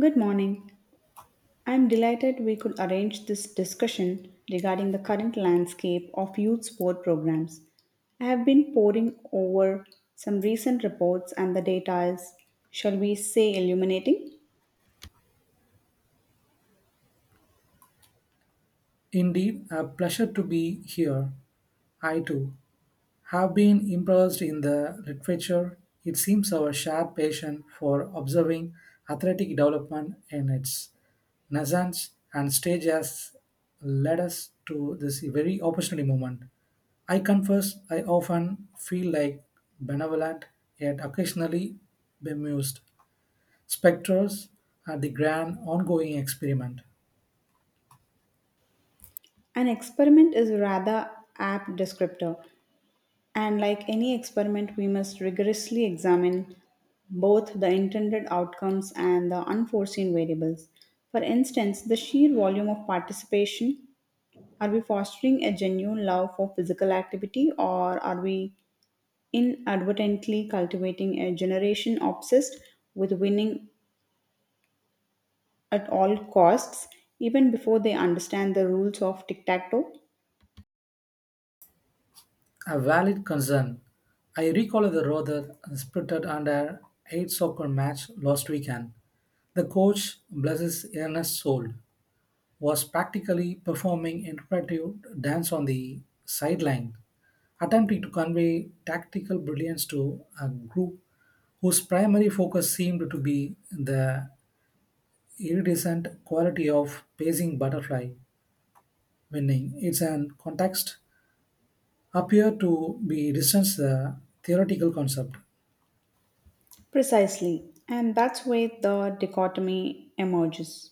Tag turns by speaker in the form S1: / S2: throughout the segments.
S1: Good morning. I am delighted we could arrange this discussion regarding the current landscape of youth sport programs. I have been poring over some recent reports, and the data is, shall we say, illuminating.
S2: Indeed, a pleasure to be here. I too have been immersed in the literature. It seems our shared passion for observing athletic development in its nascence and stage has led us to this very opportunity moment. I confess, I often feel like benevolent yet occasionally bemused spectators at the grand ongoing experiment.
S1: An experiment is a rather apt descriptor, and like any experiment, we must rigorously examine both the intended outcomes and the unforeseen variables. For instance, the sheer volume of participation. Are we fostering a genuine love for physical activity, or are we inadvertently cultivating a generation obsessed with winning at all costs, even before they understand the rules of tic tac toe?
S2: A valid concern. I recall the rather spirited under 8 soccer match last weekend. The coach, bless his earnest soul, was practically performing interpretive dance on the sideline, attempting to convey tactical brilliance to a group whose primary focus seemed to be the iridescent quality of pacing butterfly winning. It's an context appear to be distance the theoretical concept.
S1: Precisely. And that's where the dichotomy emerges.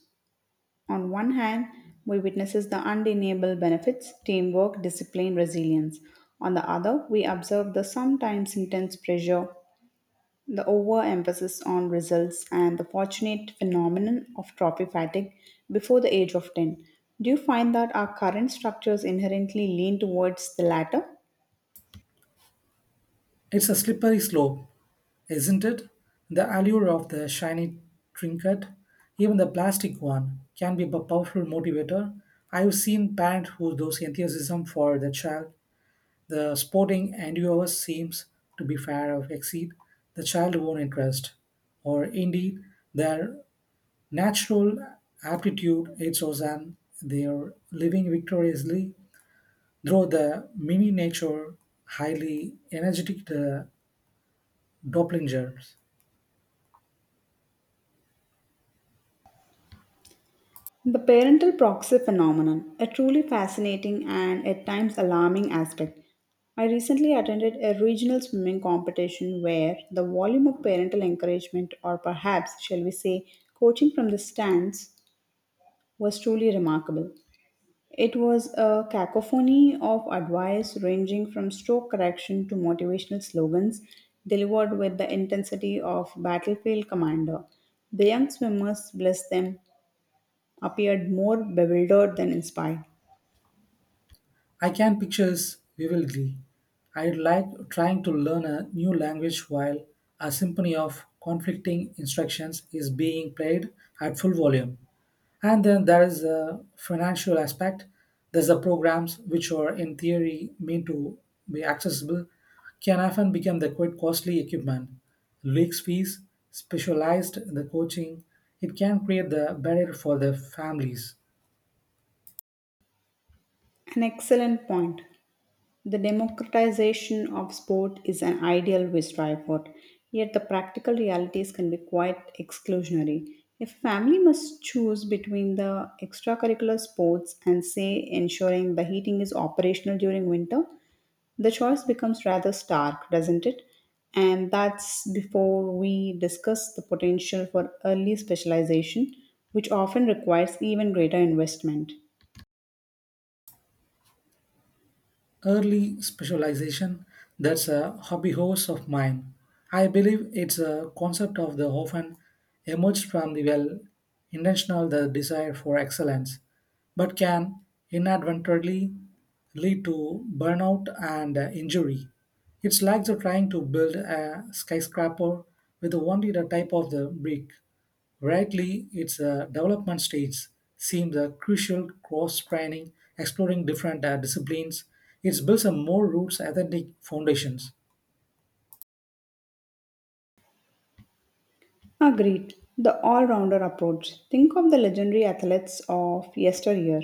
S1: On one hand, we witnesses the undeniable benefits: teamwork, discipline, resilience. On the other, we observe the sometimes intense pressure, the overemphasis on results and the fortunate phenomenon of trophy fatigue before the age of 10. Do you find that our current structures inherently lean towards the latter?
S2: It's a slippery slope, isn't it? The allure of the shiny trinket, even the plastic one, can be a powerful motivator. I've seen parents who those enthusiasm for the child, the sporting endeavor seems to be far of exceed the child's own interest, or indeed their natural aptitude. They are living victoriously through the mini-nature, highly energetic the Dopplingers.
S1: The parental proxy phenomenon, a truly fascinating and at times alarming aspect. I recently attended a regional swimming competition where the volume of parental encouragement, or perhaps, shall we say, coaching from the stands, was truly remarkable. It was a cacophony of advice ranging from stroke correction to motivational slogans delivered with the intensity of battlefield commander. The young swimmers, bless them, appeared more bewildered than inspired.
S2: I can pictures vividly. I like trying to learn a new language while a symphony of conflicting instructions is being played at full volume. And then there is a financial aspect. There's the programs which are in theory meant to be accessible can often become the quite costly equipment. Leaks fees, specialized the coaching, it can create the barrier for the families.
S1: An excellent point. The democratization of sport is an ideal we strive for, yet the practical realities can be quite exclusionary. If family must choose between the extracurricular sports and, say, ensuring the heating is operational during winter, the choice becomes rather stark, doesn't it? And that's before we discuss the potential for early specialization, which often requires even greater investment.
S2: Early specialization, that's a hobby horse of mine. I believe it's a concept of the often emerged from the well intentional the desire for excellence, but can inadvertently lead to burnout and injury. It's like they're trying to build a skyscraper with only the type of the brick. Rightly, its a development stage seems a crucial cross training, exploring different disciplines. It builds a more roots authentic foundations.
S1: Agreed. The all rounder approach. Think of the legendary athletes of yesteryear.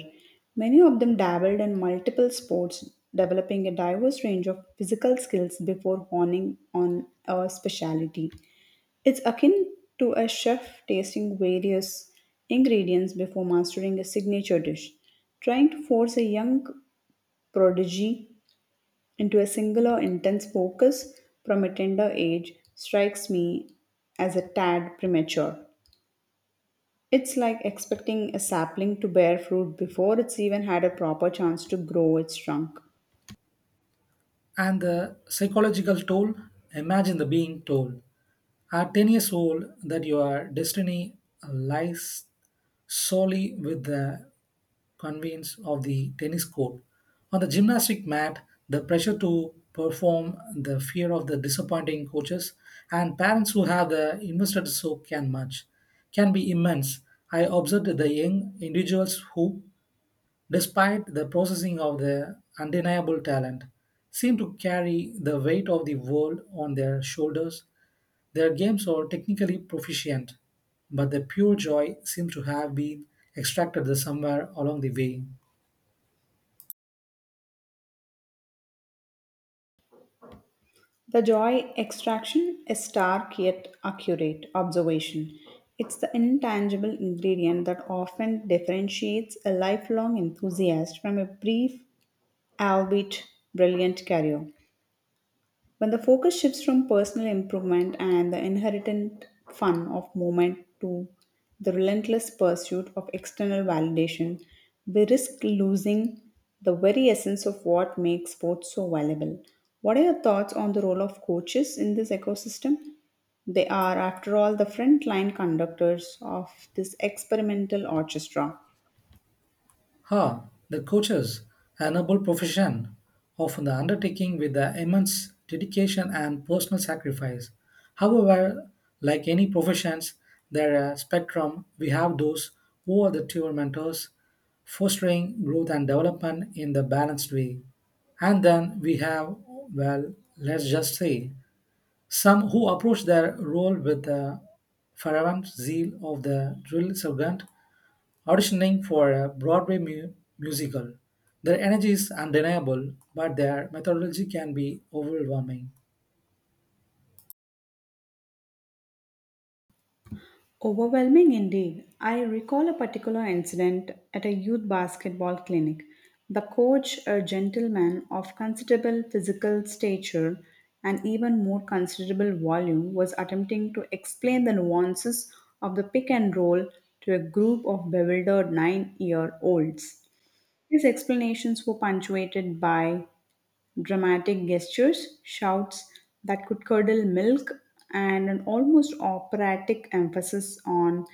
S1: Many of them dabbled in multiple sports, developing a diverse range of physical skills before honing on a specialty. It's akin to a chef tasting various ingredients before mastering a signature dish. Trying to force a young prodigy into a singular intense focus from a tender age strikes me as a tad premature. It's like expecting a sapling to bear fruit before it's even had a proper chance to grow its trunk.
S2: And the psychological toll, imagine the being told at 10 years old that your destiny lies solely with the convenience of the tennis court. On the gymnastic mat, the pressure to perform, the fear of the disappointing coaches, and parents who have the invested so can much can be immense. I observed the young individuals who despite the processing of their undeniable talent, seem to carry the weight of the world on their shoulders. Their games are technically proficient, but the pure joy seems to have been extracted somewhere along the way.
S1: The joy extraction is stark yet accurate observation. It's the intangible ingredient that often differentiates a lifelong enthusiast from a brief, albeit brilliant, career. When the focus shifts from personal improvement and the inherent fun of movement to the relentless pursuit of external validation, we risk losing the very essence of what makes sports so valuable. What are your thoughts on the role of coaches in this ecosystem? They are, after all, the front line conductors of this experimental orchestra.
S2: Ha, the coaches, a noble profession, often the undertaking with the immense dedication and personal sacrifice. However, like any professions, there are spectrum. We have those who are the true mentors, fostering growth and development in the balanced way. And then we have, well, let's just say, some who approach their role with the fervent zeal of the drill sergeant auditioning for a Broadway musical. Their energy is undeniable, but their methodology can be overwhelming.
S1: Overwhelming indeed. I recall a particular incident at a youth basketball clinic. The coach, a gentleman of considerable physical stature and even more considerable volume, was attempting to explain the nuances of the pick and roll to a group of bewildered 9-year olds. His explanations were punctuated by dramatic gestures, shouts that could curdle milk, and an almost operatic emphasis on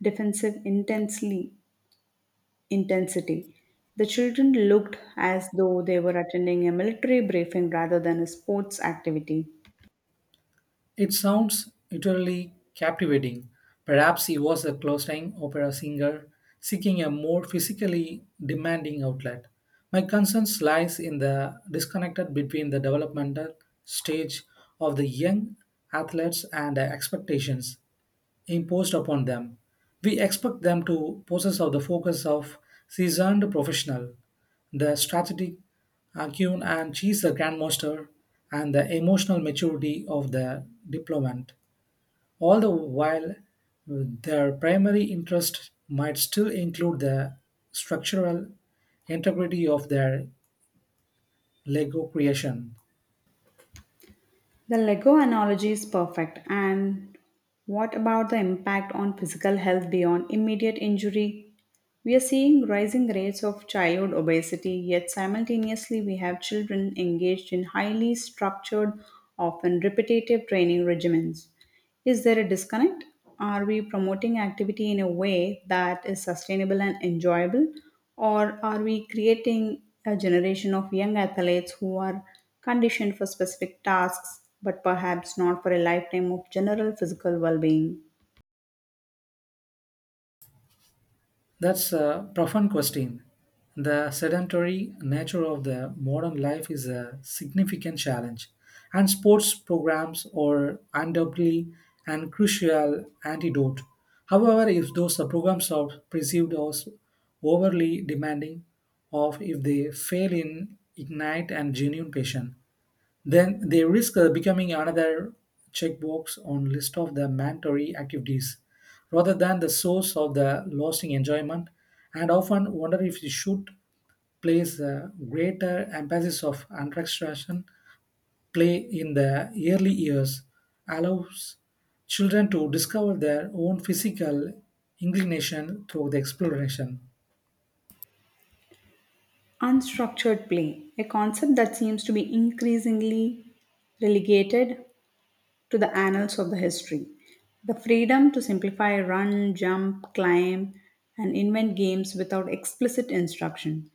S1: defensive intensely intensity. The children looked as though they were attending a military briefing rather than a sports activity.
S2: It sounds utterly captivating. Perhaps he was a closeline opera singer seeking a more physically demanding outlet. My concern lies in the disconnected between the developmental stage of the young athletes and their expectations imposed upon them. We expect them to possess of the focus of seasoned professional, the strategic acumen and cheese the grandmaster, and the emotional maturity of the diplomat. All the while, their primary interest might still include the structural integrity of their Lego creation.
S1: The Lego analogy is perfect. And what about the impact on physical health beyond immediate injury? We are seeing rising rates of childhood obesity, yet simultaneously, we have children engaged in highly structured, often repetitive training regimens. Is there a disconnect? Are we promoting activity in a way that is sustainable and enjoyable, or are we creating a generation of young athletes who are conditioned for specific tasks but perhaps not for a lifetime of general physical well being?
S2: That's a profound question. The sedentary nature of the modern life is a significant challenge, and sports programs are undoubtedly an crucial antidote. However, if those programs are perceived as overly demanding, or if they fail in ignite and genuine passion, then they risk becoming another checkbox on list of the mandatory activities rather than the source of the lasting enjoyment, and often wonder if you should place a greater emphasis of attraction play in the early years allows children to discover their own physical inclination through the exploration.
S1: Unstructured play, a concept that seems to be increasingly relegated to the annals of the history. The freedom to simplify run, jump, climb, and invent games without explicit instruction.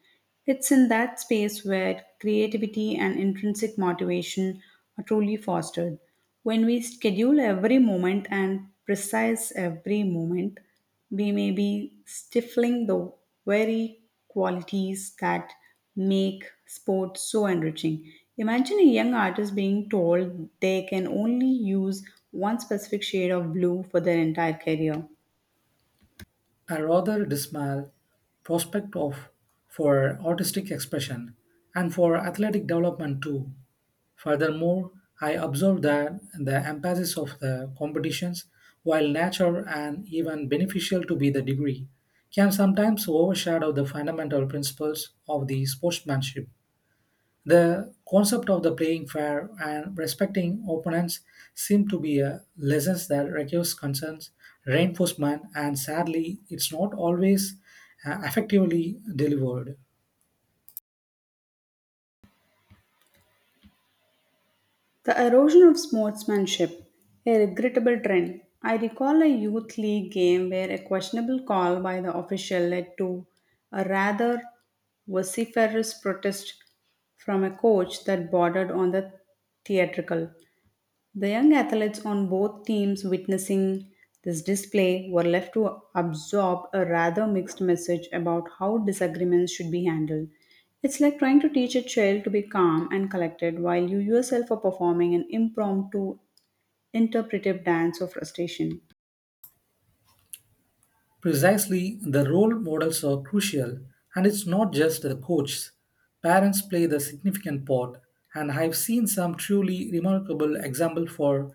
S1: It's in that space where creativity and intrinsic motivation are truly fostered. When we schedule every moment and precise every moment, we may be stifling the very qualities that make sport so enriching. Imagine a young artist being told they can only use one specific shade of blue for their entire career.
S2: A rather dismal prospect of for artistic expression and for athletic development too. Furthermore, I observed that the emphasis of the competitions, while natural and even beneficial to be the degree, can sometimes overshadow the fundamental principles of the sportsmanship. The concept of the playing fair and respecting opponents seem to be a lessons that requires concerns, reinforcement, and sadly, it's not always effectively delivered.
S1: The erosion of sportsmanship, a regrettable trend. I recall a youth league game where a questionable call by the official led to a rather vociferous protest from a coach that bordered on the theatrical. The young athletes on both teams witnessing this display were left to absorb a rather mixed message about how disagreements should be handled. It's like trying to teach a child to be calm and collected while you yourself are performing an impromptu interpretive dance of frustration.
S2: Precisely, the role models are crucial, and it's not just the coaches. Parents play the significant part, and I've seen some truly remarkable examples for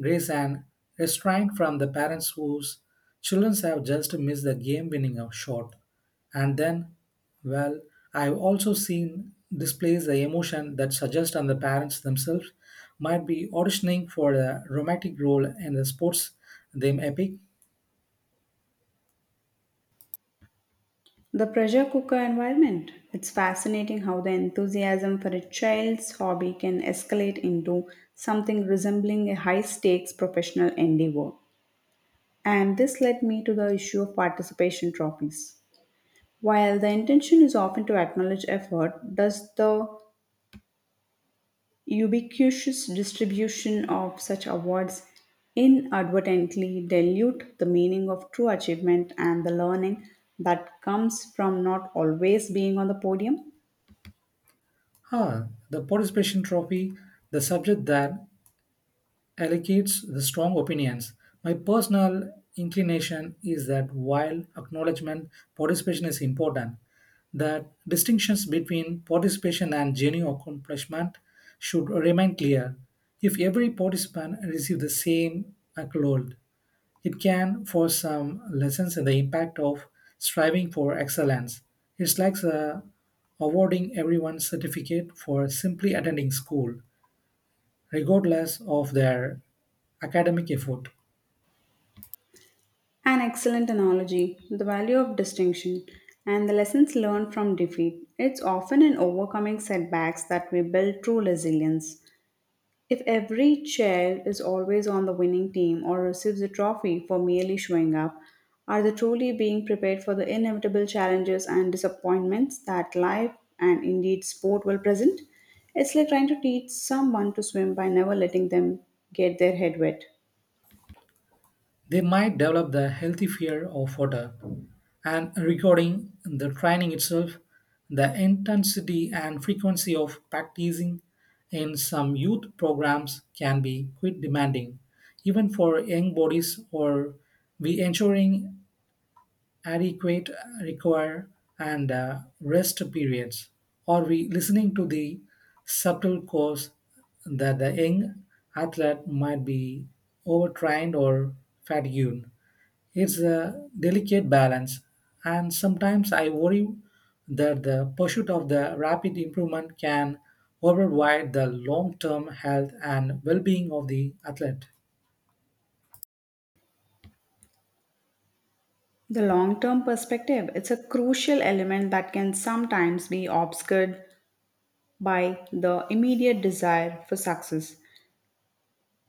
S2: grace and restraint from the parents whose children have just missed the game-winning shot. And then, well, I've also seen displays the emotion that suggests on the parents themselves might be auditioning for a romantic role in the sports them epic.
S1: The pressure cooker environment. It's fascinating how the enthusiasm for a child's hobby can escalate into something resembling a high stakes professional endeavor. And this led me to the issue of participation trophies. While the intention is often to acknowledge effort, does the ubiquitous distribution of such awards inadvertently dilute the meaning of true achievement and the learning that comes from not always being on the podium?
S2: Ah, the participation trophy, the subject that allocates the strong opinions. My personal inclination is that while acknowledgement participation is important, that distinctions between participation and genuine accomplishment should remain clear. If every participant receives the same accolade, it can force some lessons in the impact of striving for excellence. It's like awarding everyone certificate for simply attending school, regardless of their academic effort.
S1: An excellent analogy, the value of distinction and the lessons learned from defeat. It's often in overcoming setbacks that we build true resilience. If every child is always on the winning team or receives a trophy for merely showing up, are they truly being prepared for the inevitable challenges and disappointments that life, and indeed sport, will present? It's like trying to teach someone to swim by never letting them get their head wet.
S2: They might develop the healthy fear of water. And regarding the training itself, the intensity and frequency of practicing in some youth programs can be quite demanding, even for young bodies. Or we ensuring adequate require and rest periods? Are we listening to the subtle cause that the young athlete might be overtrained or fatigued? It's a delicate balance, and sometimes I worry that the pursuit of the rapid improvement can override the long-term health and well-being of the athlete.
S1: The long term perspective, it's a crucial element that can sometimes be obscured by the immediate desire for success.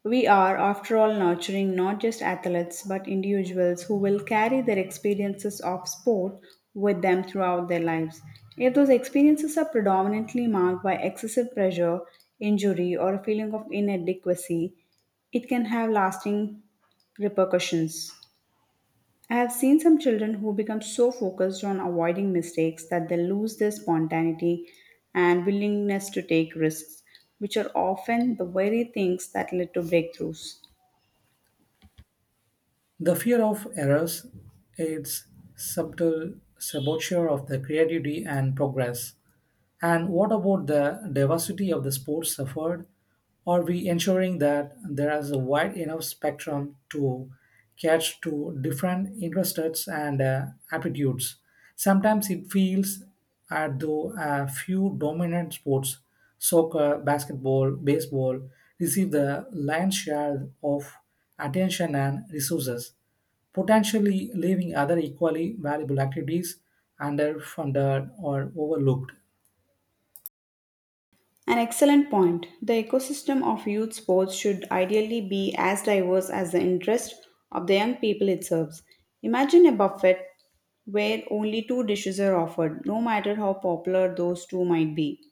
S1: We are, after all, nurturing not just athletes but individuals who will carry their experiences of sport with them throughout their lives. If those experiences are predominantly marked by excessive pressure, injury, or a feeling of inadequacy, it can have lasting repercussions. I have seen some children who become so focused on avoiding mistakes that they lose their spontaneity and willingness to take risks, which are often the very things that lead to breakthroughs.
S2: The fear of errors aids subtle saboteur of the creativity and progress. And what about the diversity of the sports suffered? Are we ensuring that there is a wide enough spectrum to catch to different interests and aptitudes? Sometimes it feels as though a few dominant sports, soccer, basketball, baseball, receive the lion's share of attention and resources, potentially leaving other equally valuable activities underfunded or overlooked.
S1: An excellent point. The ecosystem of youth sports should ideally be as diverse as the interest of the young people it serves. Imagine a buffet where only two dishes are offered, no matter how popular those two might be.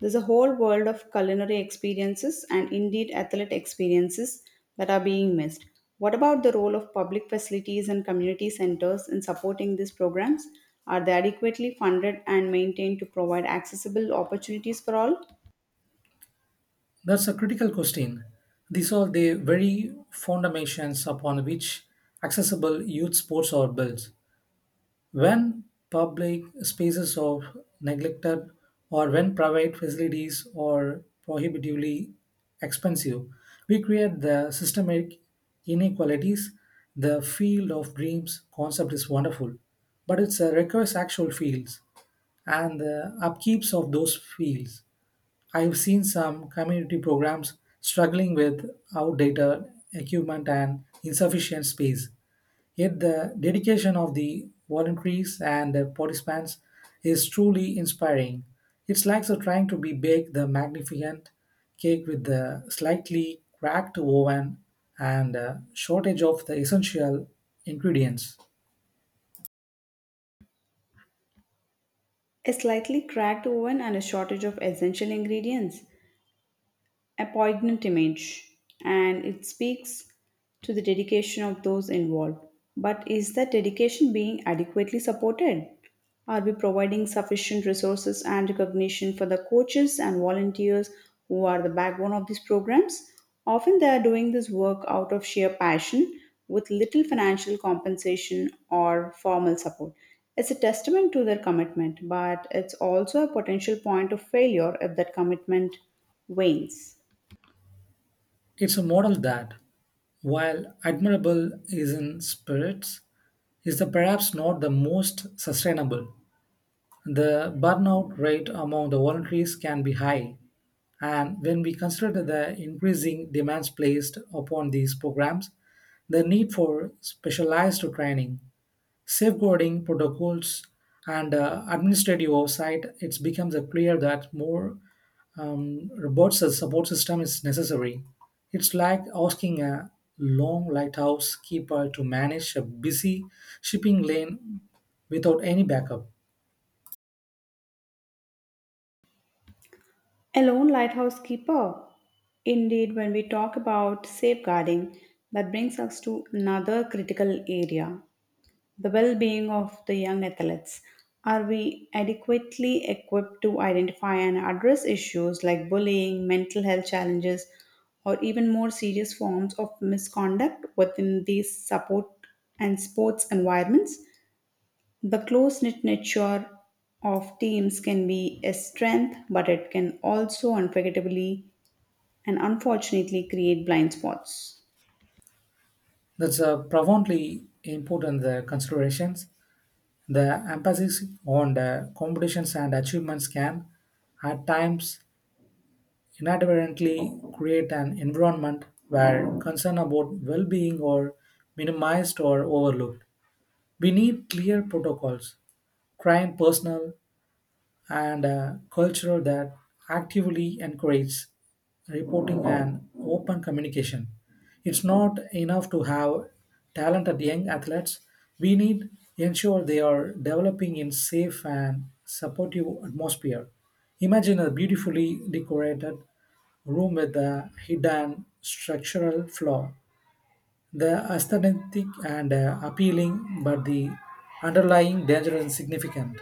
S1: There's a whole world of culinary experiences, and indeed athlete experiences, that are being missed. What about the role of public facilities and community centers in supporting these programs? Are they adequately funded and maintained to provide accessible opportunities for all?
S2: That's a critical question. These are the very foundations upon which accessible youth sports are built. When public spaces are neglected or when private facilities are prohibitively expensive, we create the systemic inequalities. The field of dreams concept is wonderful, but it requires actual fields and the upkeeps of those fields. I've seen some community programs struggling with outdated equipment and insufficient space. Yet, the dedication of the volunteers and the participants is truly inspiring. It's like they're trying to be bake the magnificent cake with the slightly cracked oven and shortage of the essential ingredients.
S1: A slightly cracked oven and a shortage of essential ingredients, a poignant image, and it speaks to the dedication of those involved. But is that dedication being adequately supported? Are we providing sufficient resources and recognition for the coaches and volunteers who are the backbone of these programs? Often they are doing this work out of sheer passion, with little financial compensation or formal support. It's a testament to their commitment, but it's also a potential point of failure if that commitment wanes.
S2: It's a model that, while admirable is in spirits, is the perhaps not the most sustainable. The burnout rate among the voluntaries can be high, and when we consider the increasing demands placed upon these programs, the need for specialized training, safeguarding protocols, and administrative oversight, it becomes clear that more robust support system is necessary. It's like asking a long lighthouse keeper to manage a busy shipping lane without any backup.
S1: A lone lighthouse keeper. Indeed, when we talk about safeguarding, that brings us to another critical area, the well being of the young athletes. Are we adequately equipped to identify and address issues like bullying, mental health challenges, or even more serious forms of misconduct within these support and sports environments? The close knit nature of teams can be a strength, but it can also unforgettably and unfortunately create blind spots.
S2: That's a profoundly important considerations. The emphasis on the competitions and achievements can, at times, inadvertently create an environment where concern about well being are minimized or overlooked. We need clear protocols, crime personal, and a culture that actively encourages reporting and open communication. It's not enough to have talented young athletes. We need ensure they are developing in safe and supportive atmosphere. Imagine a beautifully decorated room with a hidden structural flaw. The aesthetic and appealing, but the underlying danger is significant.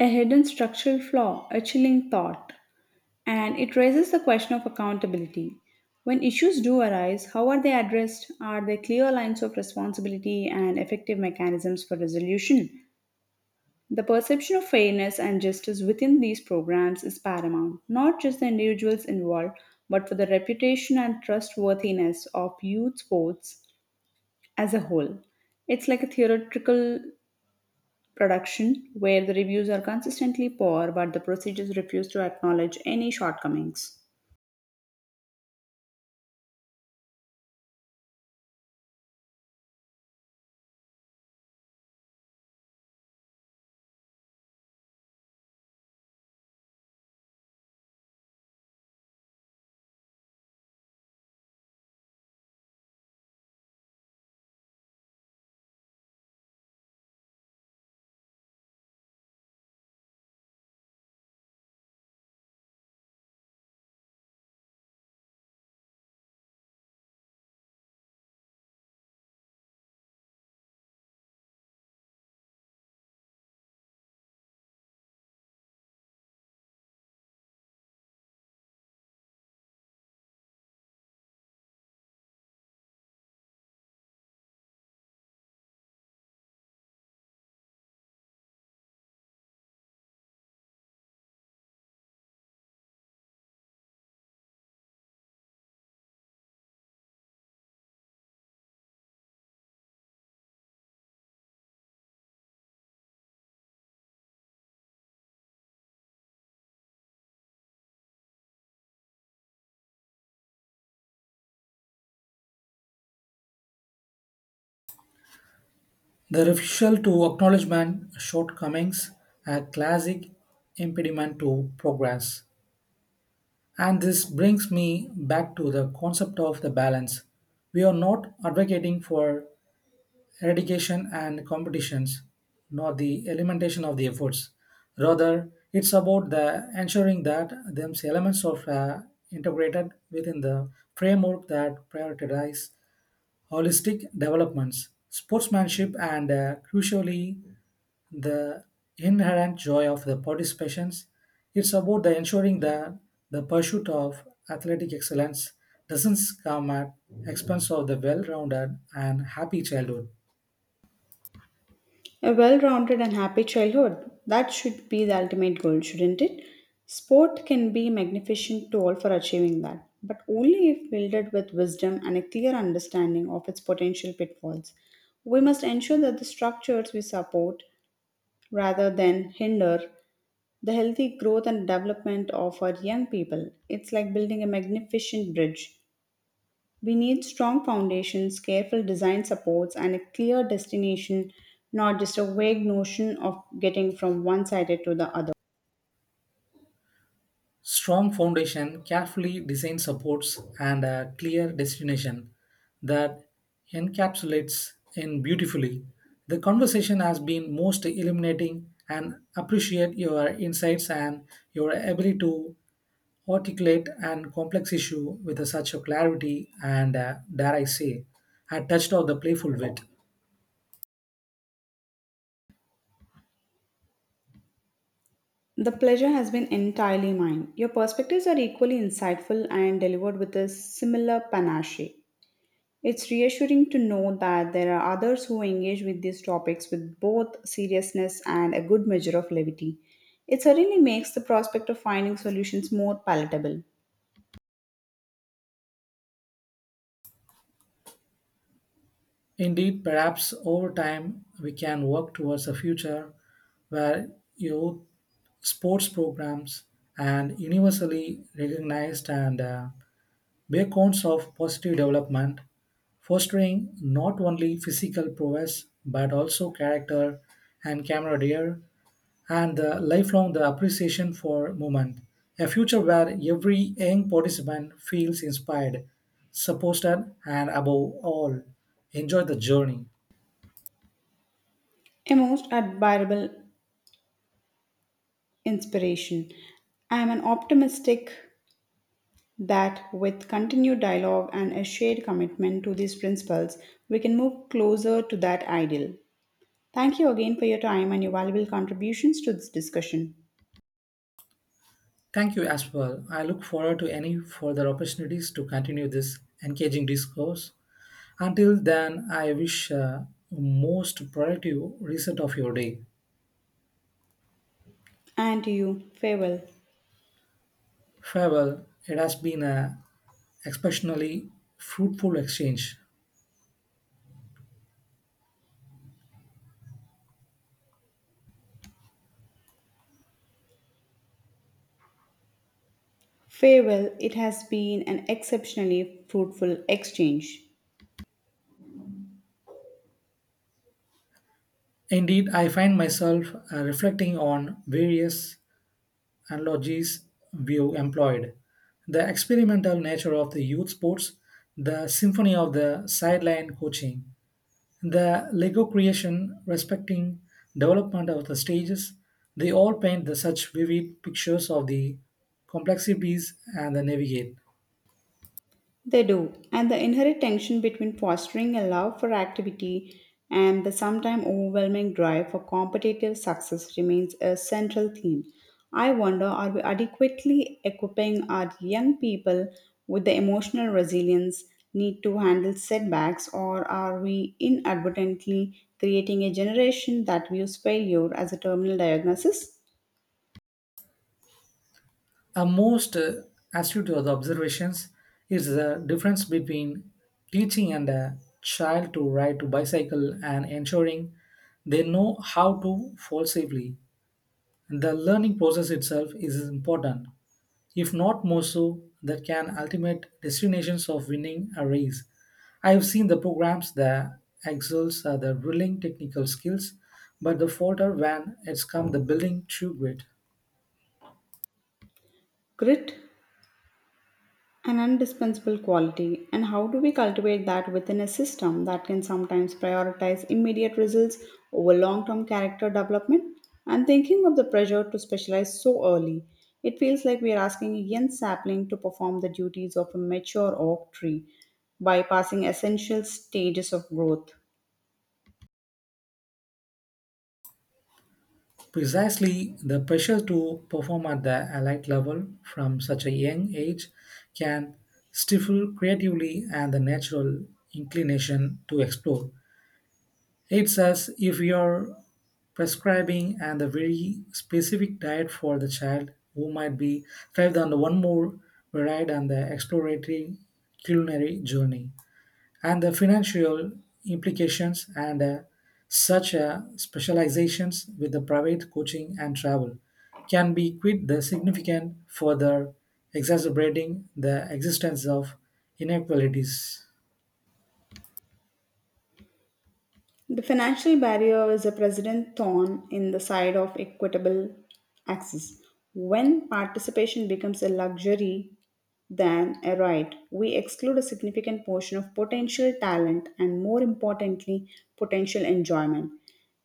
S1: A hidden structural flaw, a chilling thought, and it raises the question of accountability. When issues do arise, how are they addressed? Are there clear lines of responsibility and effective mechanisms for resolution? The perception of fairness and justice within these programs is paramount, not just the individuals involved, but for the reputation and trustworthiness of youth sports as a whole. It's like a theatrical production where the reviews are consistently poor, but the procedures refuse to acknowledge any shortcomings.
S2: The refusal to acknowledge man's shortcomings, a classic impediment to progress. And this brings me back to the concept of the balance. We are not advocating for eradication and competitions, nor the elimination of the efforts. Rather, it's about the ensuring that these elements are integrated within the framework that prioritizes holistic developments, sportsmanship, and crucially, the inherent joy of the participations. It's about the ensuring that the pursuit of athletic excellence doesn't come at expense of the well-rounded and happy childhood.
S1: A well rounded and happy childhood. That should be the ultimate goal, shouldn't it? Sport can be a magnificent tool for achieving that, but only if wielded with wisdom and a clear understanding of its potential pitfalls. We must ensure that the structures we support rather than hinder the healthy growth and development of our young people. It's like building a magnificent bridge. We need strong foundations, careful design supports, and a clear destination, not just a vague notion of getting from one sided to the other.
S2: Strong foundation, carefully designed supports, and a clear destination, that encapsulates in beautifully. The conversation has been most illuminating and appreciate your insights and your ability to articulate an complex issue with such a clarity and, dare I say, a touch of the playful wit.
S1: The pleasure has been entirely mine. Your perspectives are equally insightful and delivered with a similar panache. It's reassuring to know that there are others who engage with these topics with both seriousness and a good measure of levity. It certainly makes the prospect of finding solutions more palatable.
S2: Indeed, perhaps over time we can work towards a future where youth sports programs and universally recognized and beacons of positive development, fostering not only physical prowess but also character and camaraderie and the lifelong the appreciation for movement. A future where every young participant feels inspired, supported, and above all, enjoy the journey.
S1: A most admirable inspiration. I am an optimistic that with continued dialogue and a shared commitment to these principles, we can move closer to that ideal. Thank you again for your time and your valuable contributions to this discussion.
S2: Thank you as well. I look forward to any further opportunities to continue this engaging discourse. Until then, I wish most productive reset of your day.
S1: And to you, farewell.
S2: Farewell. It has been an exceptionally fruitful exchange.
S1: Farewell, it has been an exceptionally fruitful exchange.
S2: Indeed, I find myself reflecting on various analogies we have employed. The experimental nature of the youth sports, the symphony of the sideline coaching, the Lego creation, respecting development of the stages, they all paint the such vivid pictures of the complexities and the navigate.
S1: They do, and the inherent tension between fostering a love for activity and the sometimes overwhelming drive for competitive success remains a central theme. I wonder, are we adequately equipping our young people with the emotional resilience need to handle setbacks, or are we inadvertently creating a generation that views failure as a terminal diagnosis?
S2: A most astute of the observations is the difference between teaching and a child to ride to bicycle and ensuring they know how to fall safely. The learning process itself is important, if not more so, that can ultimate destinations of winning a race. I have seen the programs that excels at the drilling technical skills, but the falter when it's come the building true grit.
S1: Grit, an indispensable quality. And how do we cultivate that within a system that can sometimes prioritize immediate results over long-term character development? I'm thinking of the pressure to specialize so early. It feels like we are asking a young sapling to perform the duties of a mature oak tree, bypassing essential stages of growth.
S2: Precisely, the pressure to perform at the elite level from such a young age can stifle creatively and the natural inclination to explore. It's as if you're prescribing and a very specific diet for the child who might be thrived on the one more varied and the exploratory culinary journey and the financial implications and such specializations with the private coaching and travel can be quite the significant further exacerbating the existence of inequalities,
S1: The financial barrier is a president thorn in the side of equitable access. When participation becomes a luxury than a right, we exclude a significant portion of potential talent and, more importantly, potential enjoyment.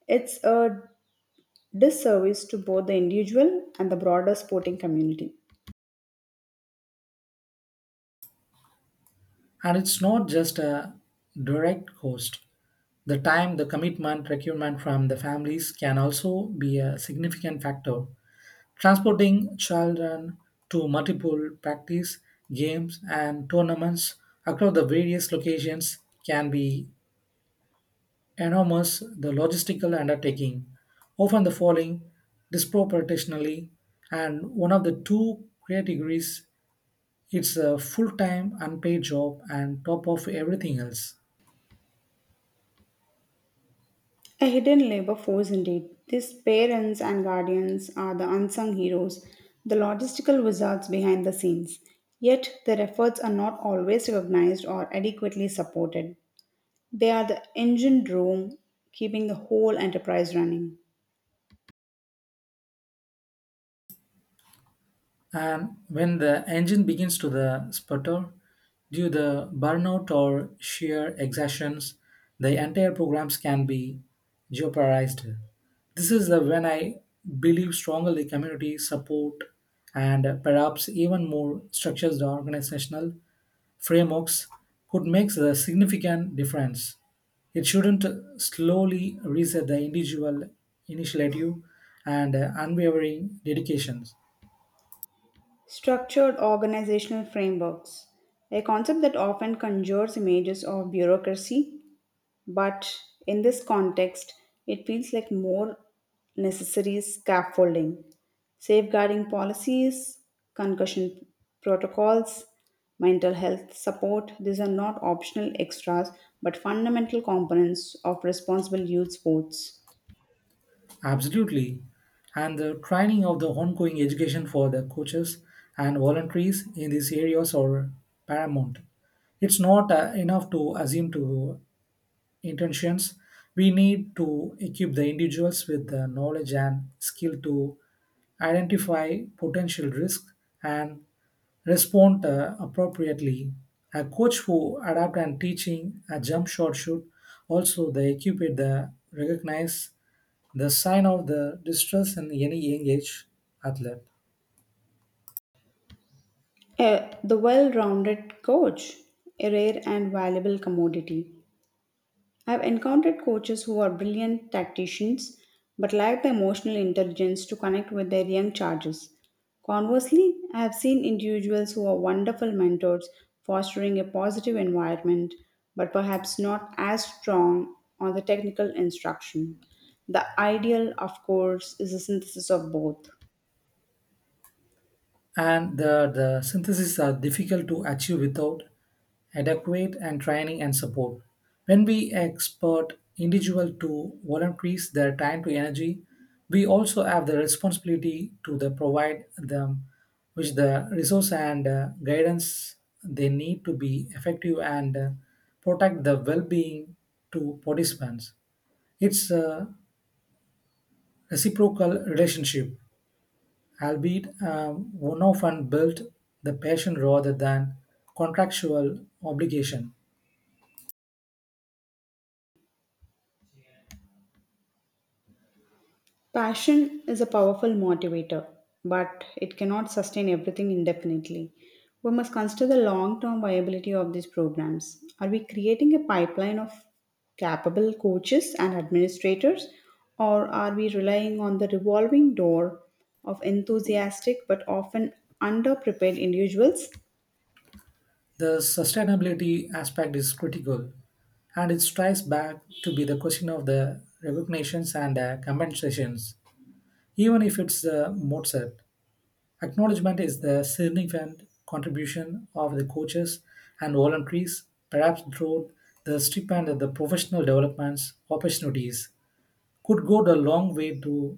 S1: It's a disservice to both the individual and the broader sporting community.
S2: and it's not just a direct cost. The time, the commitment, requirement from the families can also be a significant factor. Transporting children to multiple practice, games, and tournaments across the various locations can be enormous the logistical undertaking, often the falling disproportionately, and one of the two categories, it's a full-time unpaid job and top of everything else.
S1: A hidden labor force indeed. These parents and guardians are the unsung heroes, the logistical wizards behind the scenes. Yet their efforts are not always recognized or adequately supported. They are the engine room, keeping the whole enterprise running.
S2: And when the engine begins to the sputter due the burnout or sheer exertions, the entire programs can be jeopardized. This is the when I believe strongly community support and perhaps even more structures the organizational frameworks could make a significant difference. It shouldn't slowly reset the individual initiative and unwavering dedications.
S1: Structured organizational frameworks, a concept that often conjures images of bureaucracy, but in this context, it feels like more necessary scaffolding, safeguarding policies, concussion protocols, mental health support. These are not optional extras but fundamental components of responsible youth sports.
S2: Absolutely. And the training of the ongoing education for the coaches and voluntaries in these areas are paramount. It's not enough to assume to intentions. We need to equip the individuals with the knowledge and skill to identify potential risk and respond appropriately. A coach who adapt and teaching a jump shot should also the equip the recognize the sign of the distress in any young age athlete,
S1: The well rounded coach, a rare and valuable commodity. I've encountered coaches who are brilliant tacticians but lack the emotional intelligence to connect with their young charges. Conversely, I have seen individuals who are wonderful mentors fostering a positive environment but perhaps not as strong on the technical instruction. The ideal, of course, is a synthesis of both.
S2: and the syntheses are difficult to achieve without adequate and training and support. When we expect individual to volunteers their time to energy, we also have the responsibility to the provide them with the resource and guidance they need to be effective and protect the well-being to participants. It's a reciprocal relationship, albeit one often built the passion rather than contractual obligation.
S1: Passion is a powerful motivator, but it cannot sustain everything indefinitely. We must consider the long term viability of these programs. Are we creating a pipeline of capable coaches and administrators, or are we relying on the revolving door of enthusiastic but often underprepared individuals?
S2: The sustainability aspect is critical, and it strikes back to be the question of the recognitions and compensations, even if it's Mozart. Acknowledgement is the significant contribution of the coaches and volunteers, perhaps through the stipend and the professional developments opportunities could go a long way to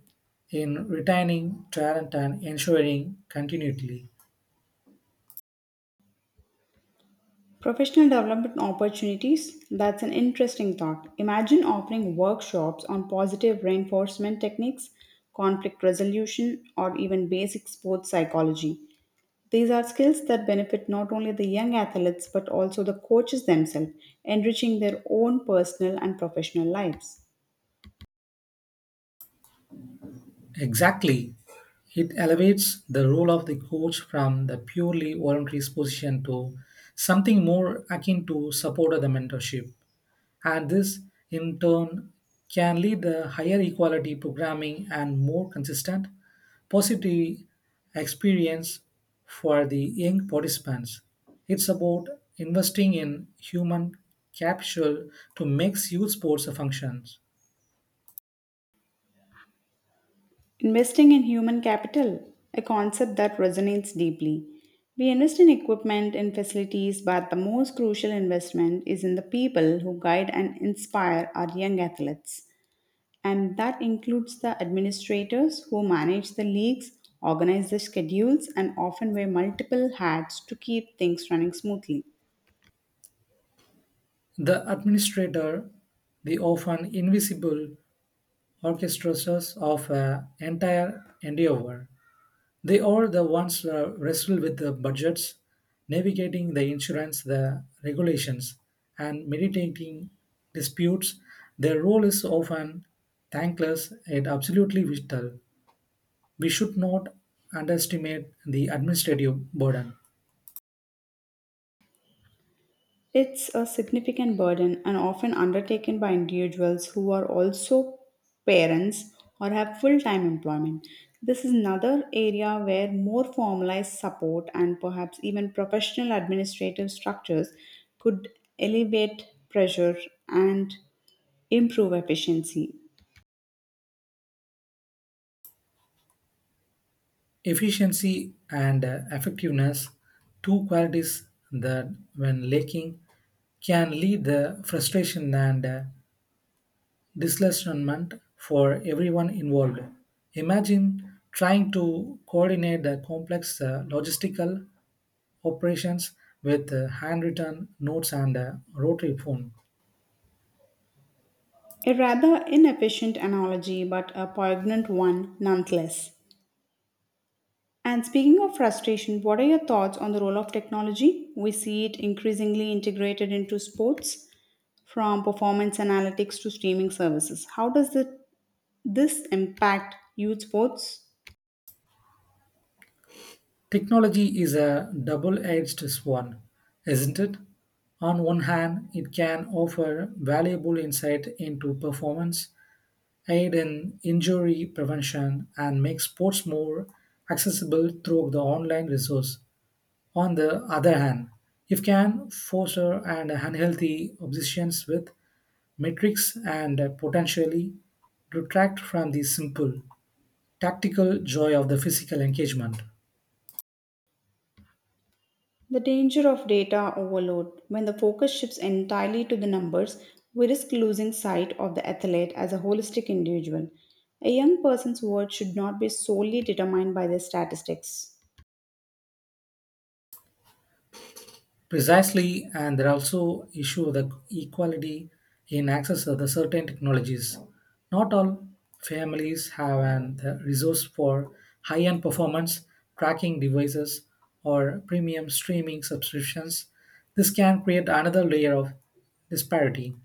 S2: in retaining talent and ensuring continuity.
S1: Professional development opportunities, that's an interesting thought. Imagine offering workshops on positive reinforcement techniques, conflict resolution, or even basic sports psychology. These are skills that benefit not only the young athletes but also the coaches themselves, enriching their own personal and professional lives.
S2: Exactly. It elevates the role of the coach from the purely voluntary position to something more akin to support of the mentorship, and this in turn can lead to higher equality programming and more consistent positive experience for the young participants. It's about investing in human capital to make youth sports a function.
S1: Investing in human capital, a concept that resonates deeply. We invest in equipment and facilities, but the most crucial investment is in the people who guide and inspire our young athletes. And that includes the administrators who manage the leagues, organize the schedules, and often wear multiple hats to keep things running smoothly.
S2: The administrator, the often invisible orchestrators of an entire endeavor. They are the ones wrestle with the budgets, navigating the insurance, the regulations, and mediating disputes. Their role is often thankless and absolutely vital. We should not underestimate the administrative burden.
S1: It's a significant burden and often undertaken by individuals who are also parents or have full time employment. This is another area where more formalized support and perhaps even professional administrative structures could alleviate pressure and improve efficiency.
S2: Efficiency and effectiveness, two qualities that, when lacking, can lead the frustration and disillusionment for everyone involved. Imagine trying to coordinate the complex logistical operations with handwritten notes and a rotary phone.
S1: A rather inefficient analogy, but a poignant one nonetheless. And speaking of frustration, what are your thoughts on the role of technology? We see it increasingly integrated into sports, from performance analytics to streaming services. This impact youth sports?
S2: Technology is a double edged sword, isn't it? On one hand, it can offer valuable insight into performance, aid in injury prevention, and make sports more accessible through the online resource. On the other hand, if can foster an unhealthy obsessions with metrics and potentially detract from the simple, tactical joy of the physical engagement.
S1: The danger of data overload. When the focus shifts entirely to the numbers, we risk losing sight of the athlete as a holistic individual. A young person's worth should not be solely determined by their statistics.
S2: Precisely, and there are also issue of the equality in access to the certain technologies. Not all families have an the resource for high-end performance tracking devices or premium streaming subscriptions. This can create another layer of disparity.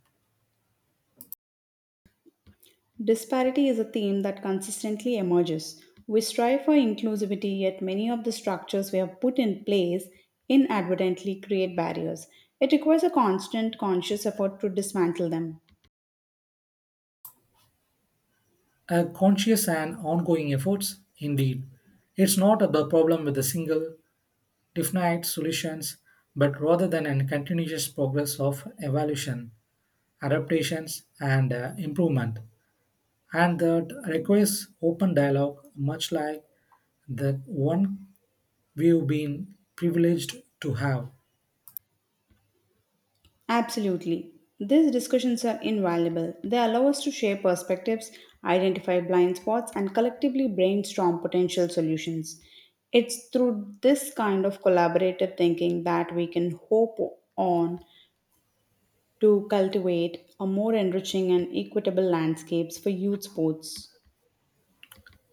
S1: Disparity is a theme that consistently emerges. We strive for inclusivity, yet many of the structures we have put in place inadvertently create barriers. It requires a constant, conscious effort to dismantle them.
S2: A conscious and ongoing efforts, indeed. It's not about problem with a single definite solutions, but rather than a continuous progress of evolution, adaptations, and improvement, and that requires open dialogue, much like the one we've been privileged to have.
S1: Absolutely. These discussions are invaluable. They allow us to share perspectives, identify blind spots, and collectively brainstorm potential solutions. It's through this kind of collaborative thinking that we can hope on to cultivate a more enriching and equitable landscapes for youth sports.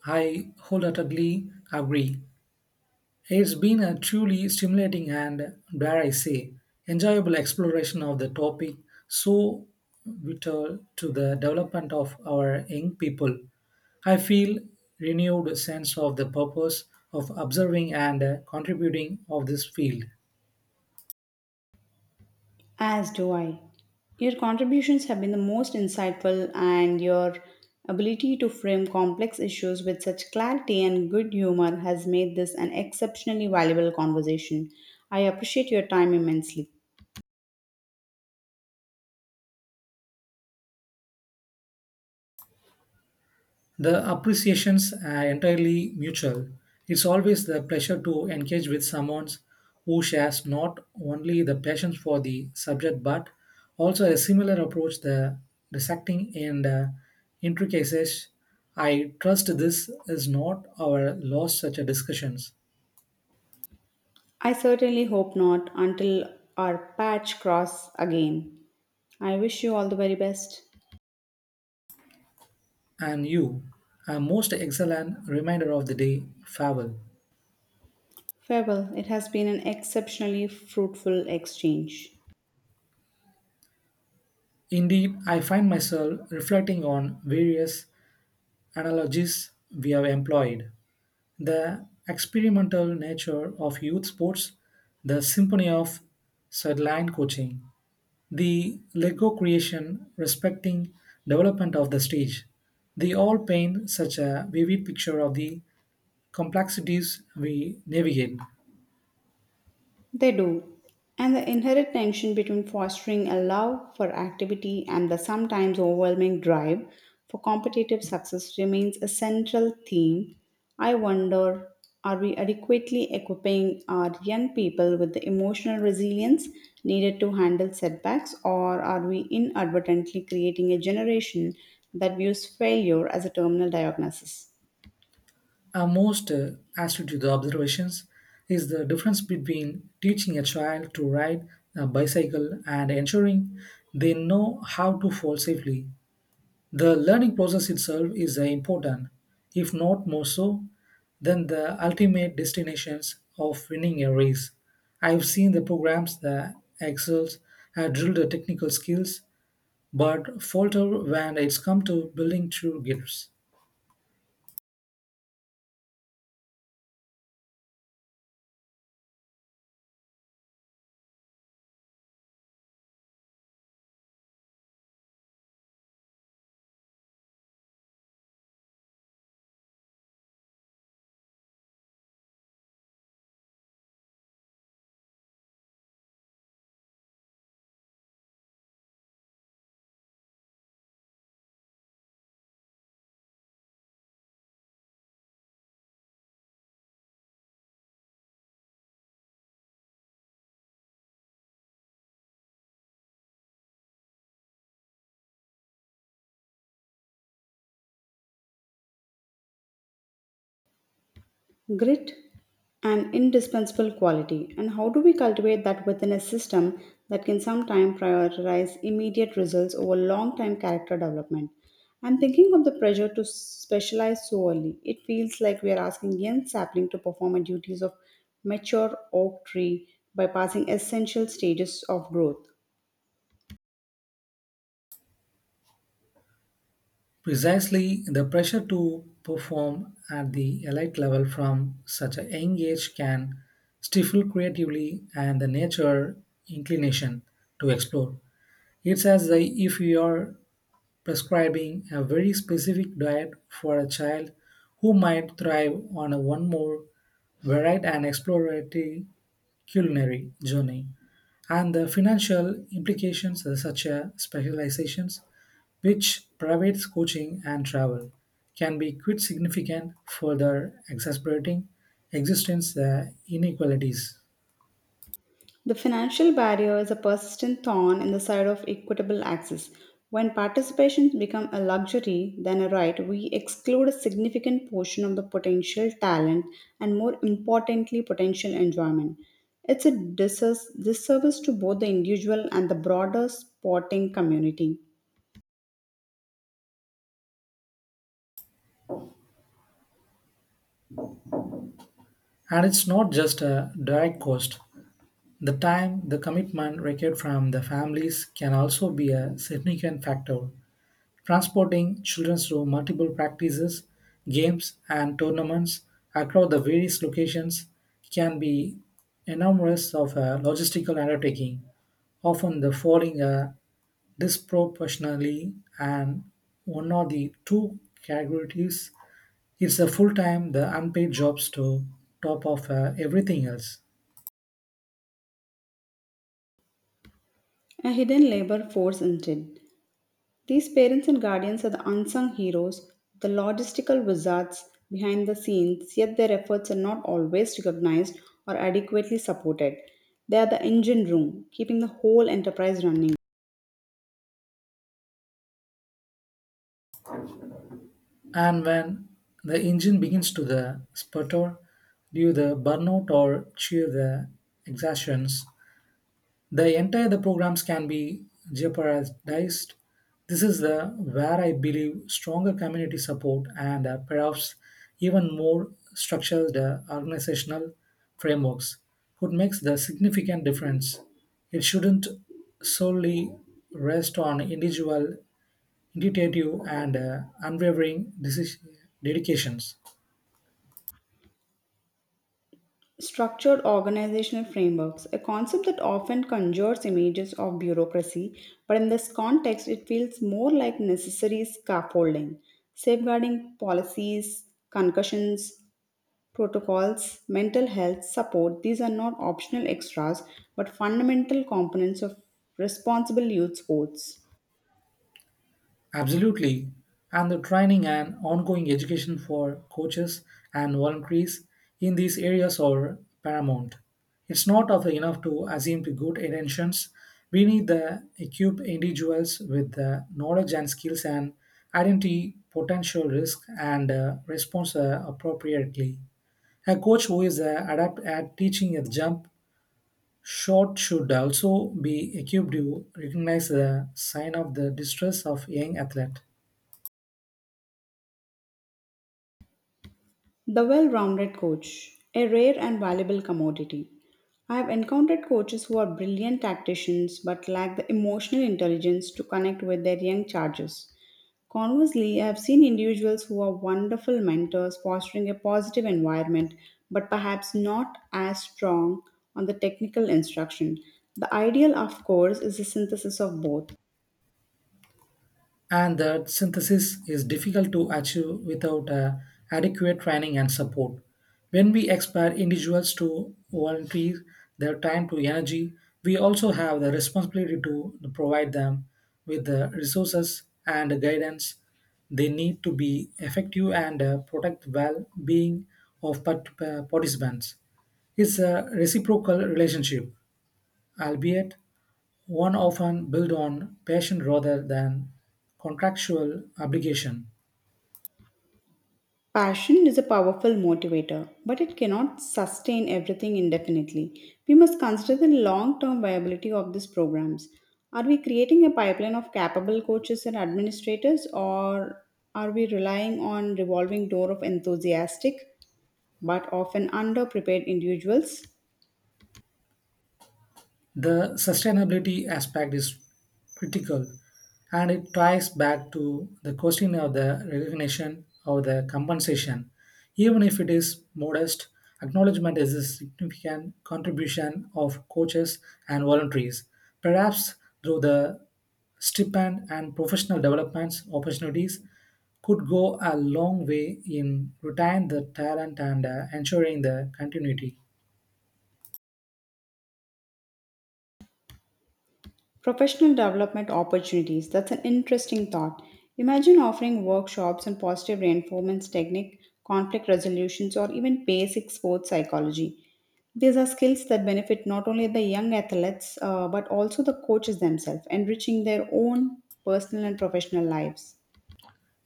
S2: I wholeheartedly agree. It's been a truly stimulating and, dare I say, enjoyable exploration of the topic, so vital to the development of our young people. I feel renewed sense of the purpose of observing and contributing of this field.
S1: As do I. Your contributions have been the most insightful, and your ability to frame complex issues with such clarity and good humor has made this an exceptionally valuable conversation. I appreciate your time immensely.
S2: The appreciations are entirely mutual. It's always the pleasure to engage with someone who shares not only the passion for the subject but also a similar approach the dissecting and intricacies. I trust this is not our lost such a discussions.
S1: I certainly hope not, until our patch cross again. I wish you all the very best.
S2: And you, a most excellent reminder of the day, farewell.
S1: Farewell. It has been an exceptionally fruitful exchange.
S2: Indeed, I find myself reflecting on various analogies we have employed. The experimental nature of youth sports, the symphony of sideline coaching, the Lego creation respecting development of the stage, they all paint such a vivid picture of the complexities we navigate.
S1: They do. And the inherent tension between fostering a love for activity and the sometimes overwhelming drive for competitive success remains a central theme. I wonder, are we adequately equipping our young people with the emotional resilience needed to handle setbacks, or are we inadvertently creating a generation that views failure as a terminal diagnosis?
S2: Our most astute to the observations is the difference between teaching a child to ride a bicycle and ensuring they know how to fall safely. The learning process itself is important, if not more so, than the ultimate destinations of winning a race. I've seen the programs that excels at drilled the technical skills but falter when it's come to building true gifts.
S1: Grit, an indispensable quality, and how do we cultivate that within a system that can sometimes prioritize immediate results over long term character development? I'm thinking of the pressure to specialize so early. It feels like we are asking young sapling to perform a duties of mature oak tree, by passing essential stages of growth.
S2: Precisely the pressure to perform at the elite level from such a young age can stifle creatively and the nature inclination to explore. It's as if you are prescribing a very specific diet for a child who might thrive on a one more varied and exploratory culinary journey and the financial implications of such a specializations which private coaching and travel can be quite significant further exacerbating existence inequalities,
S1: The financial barrier is a persistent thorn in the side of equitable access. When participation becomes a luxury than a right, we exclude a significant portion of the potential talent and, more importantly, potential enjoyment. It's a disservice to both the individual and the broader sporting community.
S2: and it's not just a direct cost. The time the commitment required from the families can also be a significant factor. Transporting children through multiple practices, games, and tournaments across the various locations can be enormous of a logistical undertaking, often the falling a disproportionately and one of the two categories is a full-time the unpaid jobs to top of everything else.
S1: A hidden labor force instead. These parents and guardians are the unsung heroes, the logistical wizards behind the scenes, yet their efforts are not always recognized or adequately supported. They are the engine room, keeping the whole enterprise running.
S2: And when the engine begins to the sputter due the burnout or due the exertions, the entire the programs can be jeopardized. This is the where I believe stronger community support and perhaps even more structured organizational frameworks could make the significant difference. It shouldn't solely rest on individual intuitive and unwavering dedications.
S1: Structured organizational frameworks, a concept that often conjures images of bureaucracy, but in this context, it feels more like necessary scaffolding, safeguarding policies, concussions, protocols, mental health support. These are not optional extras but fundamental components of responsible youth sports.
S2: Absolutely. And the training and ongoing education for coaches and volunteers in these areas are paramount. It's not of enough to assume the good intentions. We need to equip individuals with the knowledge and skills and identity potential risk and response appropriately. A coach who is adept at teaching at jump shot should also be equipped to recognize the sign of the distress of young athlete,
S1: The well rounded coach, a rare and valuable commodity. I have encountered coaches who are brilliant tacticians but lack the emotional intelligence to connect with their young charges. Conversely, I have seen individuals who are wonderful mentors fostering a positive environment but perhaps not as strong on the technical instruction. The ideal, of course, is a synthesis of both.
S2: and that synthesis is difficult to achieve without adequate training and support. When we expect individuals to volunteer their time to energy, we also have the responsibility to provide them with the resources and guidance they need to be effective and protect well-being of participants. It's a reciprocal relationship, albeit one often built on passion rather than contractual obligation.
S1: Passion is a powerful motivator, but it cannot sustain everything indefinitely. We must consider the long term viability of these programs. Are we creating a pipeline of capable coaches and administrators, or are we relying on revolving door of enthusiastic but often underprepared individuals?
S2: The sustainability aspect is critical and it ties back to the question of the recognition of the compensation. Even if it is modest, acknowledgement is a significant contribution of coaches and volunteers, perhaps through the stipend and professional developments opportunities could go a long way in retaining the talent and ensuring the continuity.
S1: Professional development opportunities, that's an interesting thought. Imagine offering workshops on positive reinforcement technique, conflict resolutions, or even basic sports psychology. These are skills that benefit not only the young athletes but also the coaches themselves, enriching their own personal and professional lives.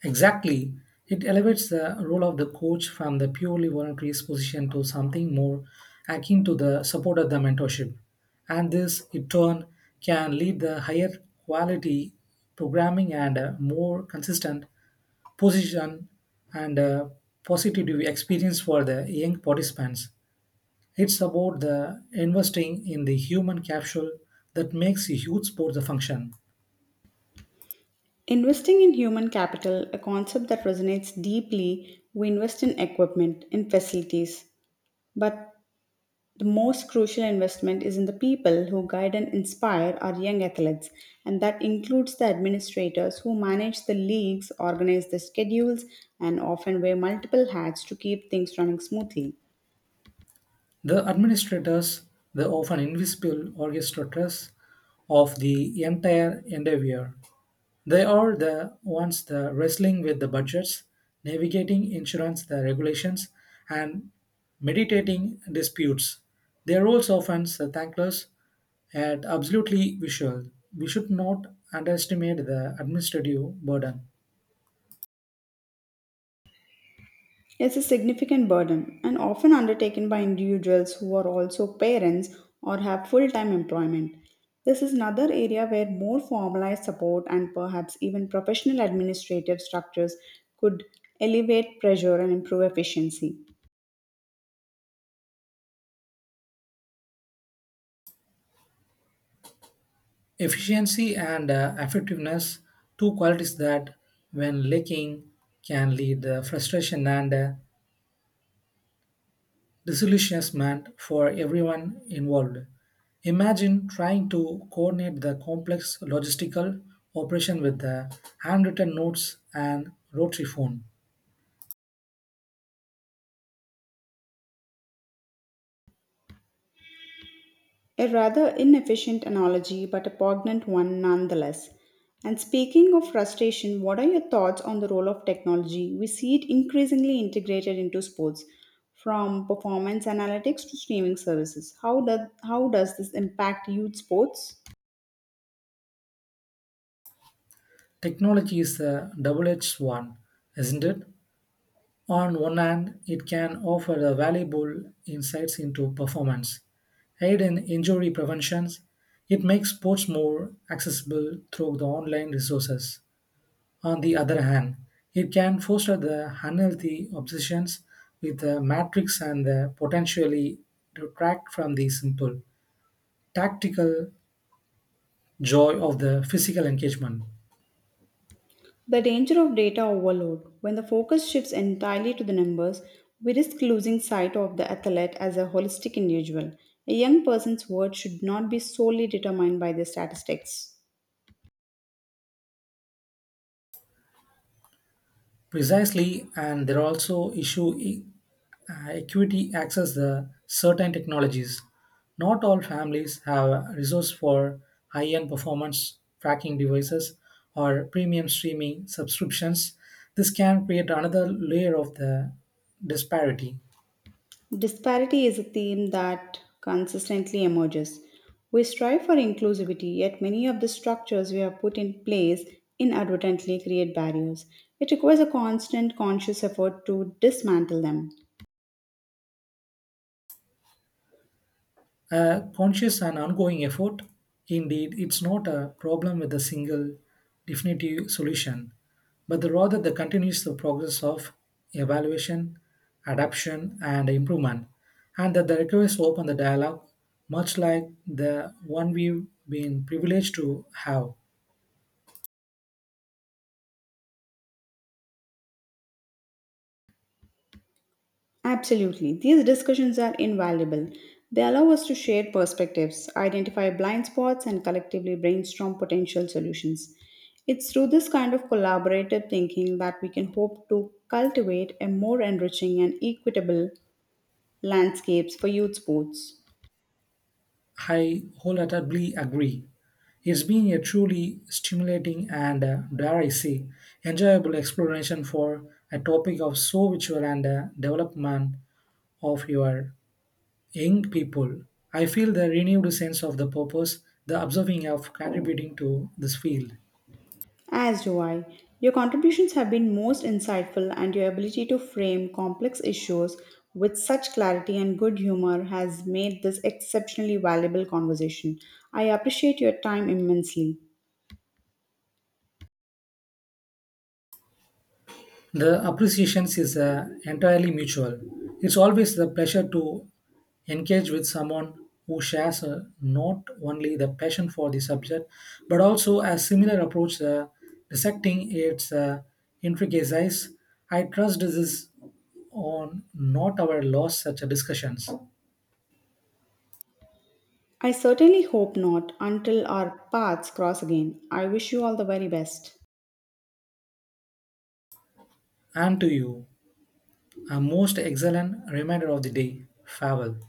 S2: Exactly. It elevates the role of the coach from the purely voluntary position to something more akin to the support of the mentorship. And this, in turn, can lead the higher quality programming and a more consistent position and a positive experience for the young participants. It's about the investing in the human capsule that makes a huge sport the function.
S1: Investing in human capital, a concept that resonates deeply. We invest in equipment, in facilities, but the most crucial investment is in the people who guide and inspire our young athletes, and that includes the administrators who manage the leagues, organize the schedules, and often wear multiple hats to keep things running smoothly.
S2: The administrators, the often invisible orchestrators of the entire endeavor, they are the ones that wrestling with the budgets, navigating insurance the regulations, and meditating disputes. Their roles often thankless and absolutely visual. We should not underestimate the administrative burden.
S1: It's a significant burden and often undertaken by individuals who are also parents or have full time employment. This is another area where more formalized support and perhaps even professional administrative structures could elevate pressure and improve efficiency.
S2: Efficiency and effectiveness, two qualities that, when lacking, can lead to frustration and disillusionment for everyone involved. Imagine trying to coordinate the complex logistical operation with the handwritten notes and rotary phone.
S1: A rather inefficient analogy, but a poignant one nonetheless. And speaking of frustration, what are your thoughts on the role of technology? We see it increasingly integrated into sports, from performance analytics to streaming services. How does this impact youth sports?
S2: Technology is a double edged one, isn't it? On one hand, it can offer a valuable insights into performance, aid in injury prevention. It makes sports more accessible through the online resources. On the other hand, it can foster the unhealthy obsessions with the matrix and the potentially detract from the simple tactical joy of the physical engagement.
S1: The danger of data overload. When the focus shifts entirely to the numbers, we risk losing sight of the athlete as a holistic individual. A young person's worth should not be solely determined by their statistics.
S2: Precisely, and there are also issue equity access the certain technologies. Not all families have resource for high-end performance tracking devices or premium streaming subscriptions. This can create another layer of the disparity.
S1: Disparity is a theme that consistently emerges. We strive for inclusivity, yet many of the structures we have put in place inadvertently create barriers. It requires a constant conscious effort to dismantle them.
S2: A conscious and ongoing effort. Indeed, it's not a problem with a single definitive solution, but rather the continuous progress of evaluation, adaptation, and improvement, and that the request open the dialogue, much like the one we've been privileged to have.
S1: Absolutely. These discussions are invaluable. They allow us to share perspectives, identify blind spots, and collectively brainstorm potential solutions. It's through this kind of collaborative thinking that we can hope to cultivate a more enriching and equitable landscapes for youth sports.
S2: I wholeheartedly agree. It's been a truly stimulating and, dare I say, enjoyable exploration for a topic of so virtual and development of your young people. I feel the renewed sense of the purpose, the observing of contributing to this field.
S1: As do I. Your contributions have been most insightful, and your ability to frame complex issues with such clarity and good humor has made this exceptionally valuable conversation. I appreciate your time immensely.
S2: The appreciations is entirely mutual. It's always the pleasure to engage with someone who shares not only the passion for the subject but also a similar approach dissecting its intricacies. I trust this is on not our lost such a discussions.
S1: I certainly hope not, until our paths cross again. I wish you all the very best.
S2: And to you, a most excellent reminder of the day. Farewell.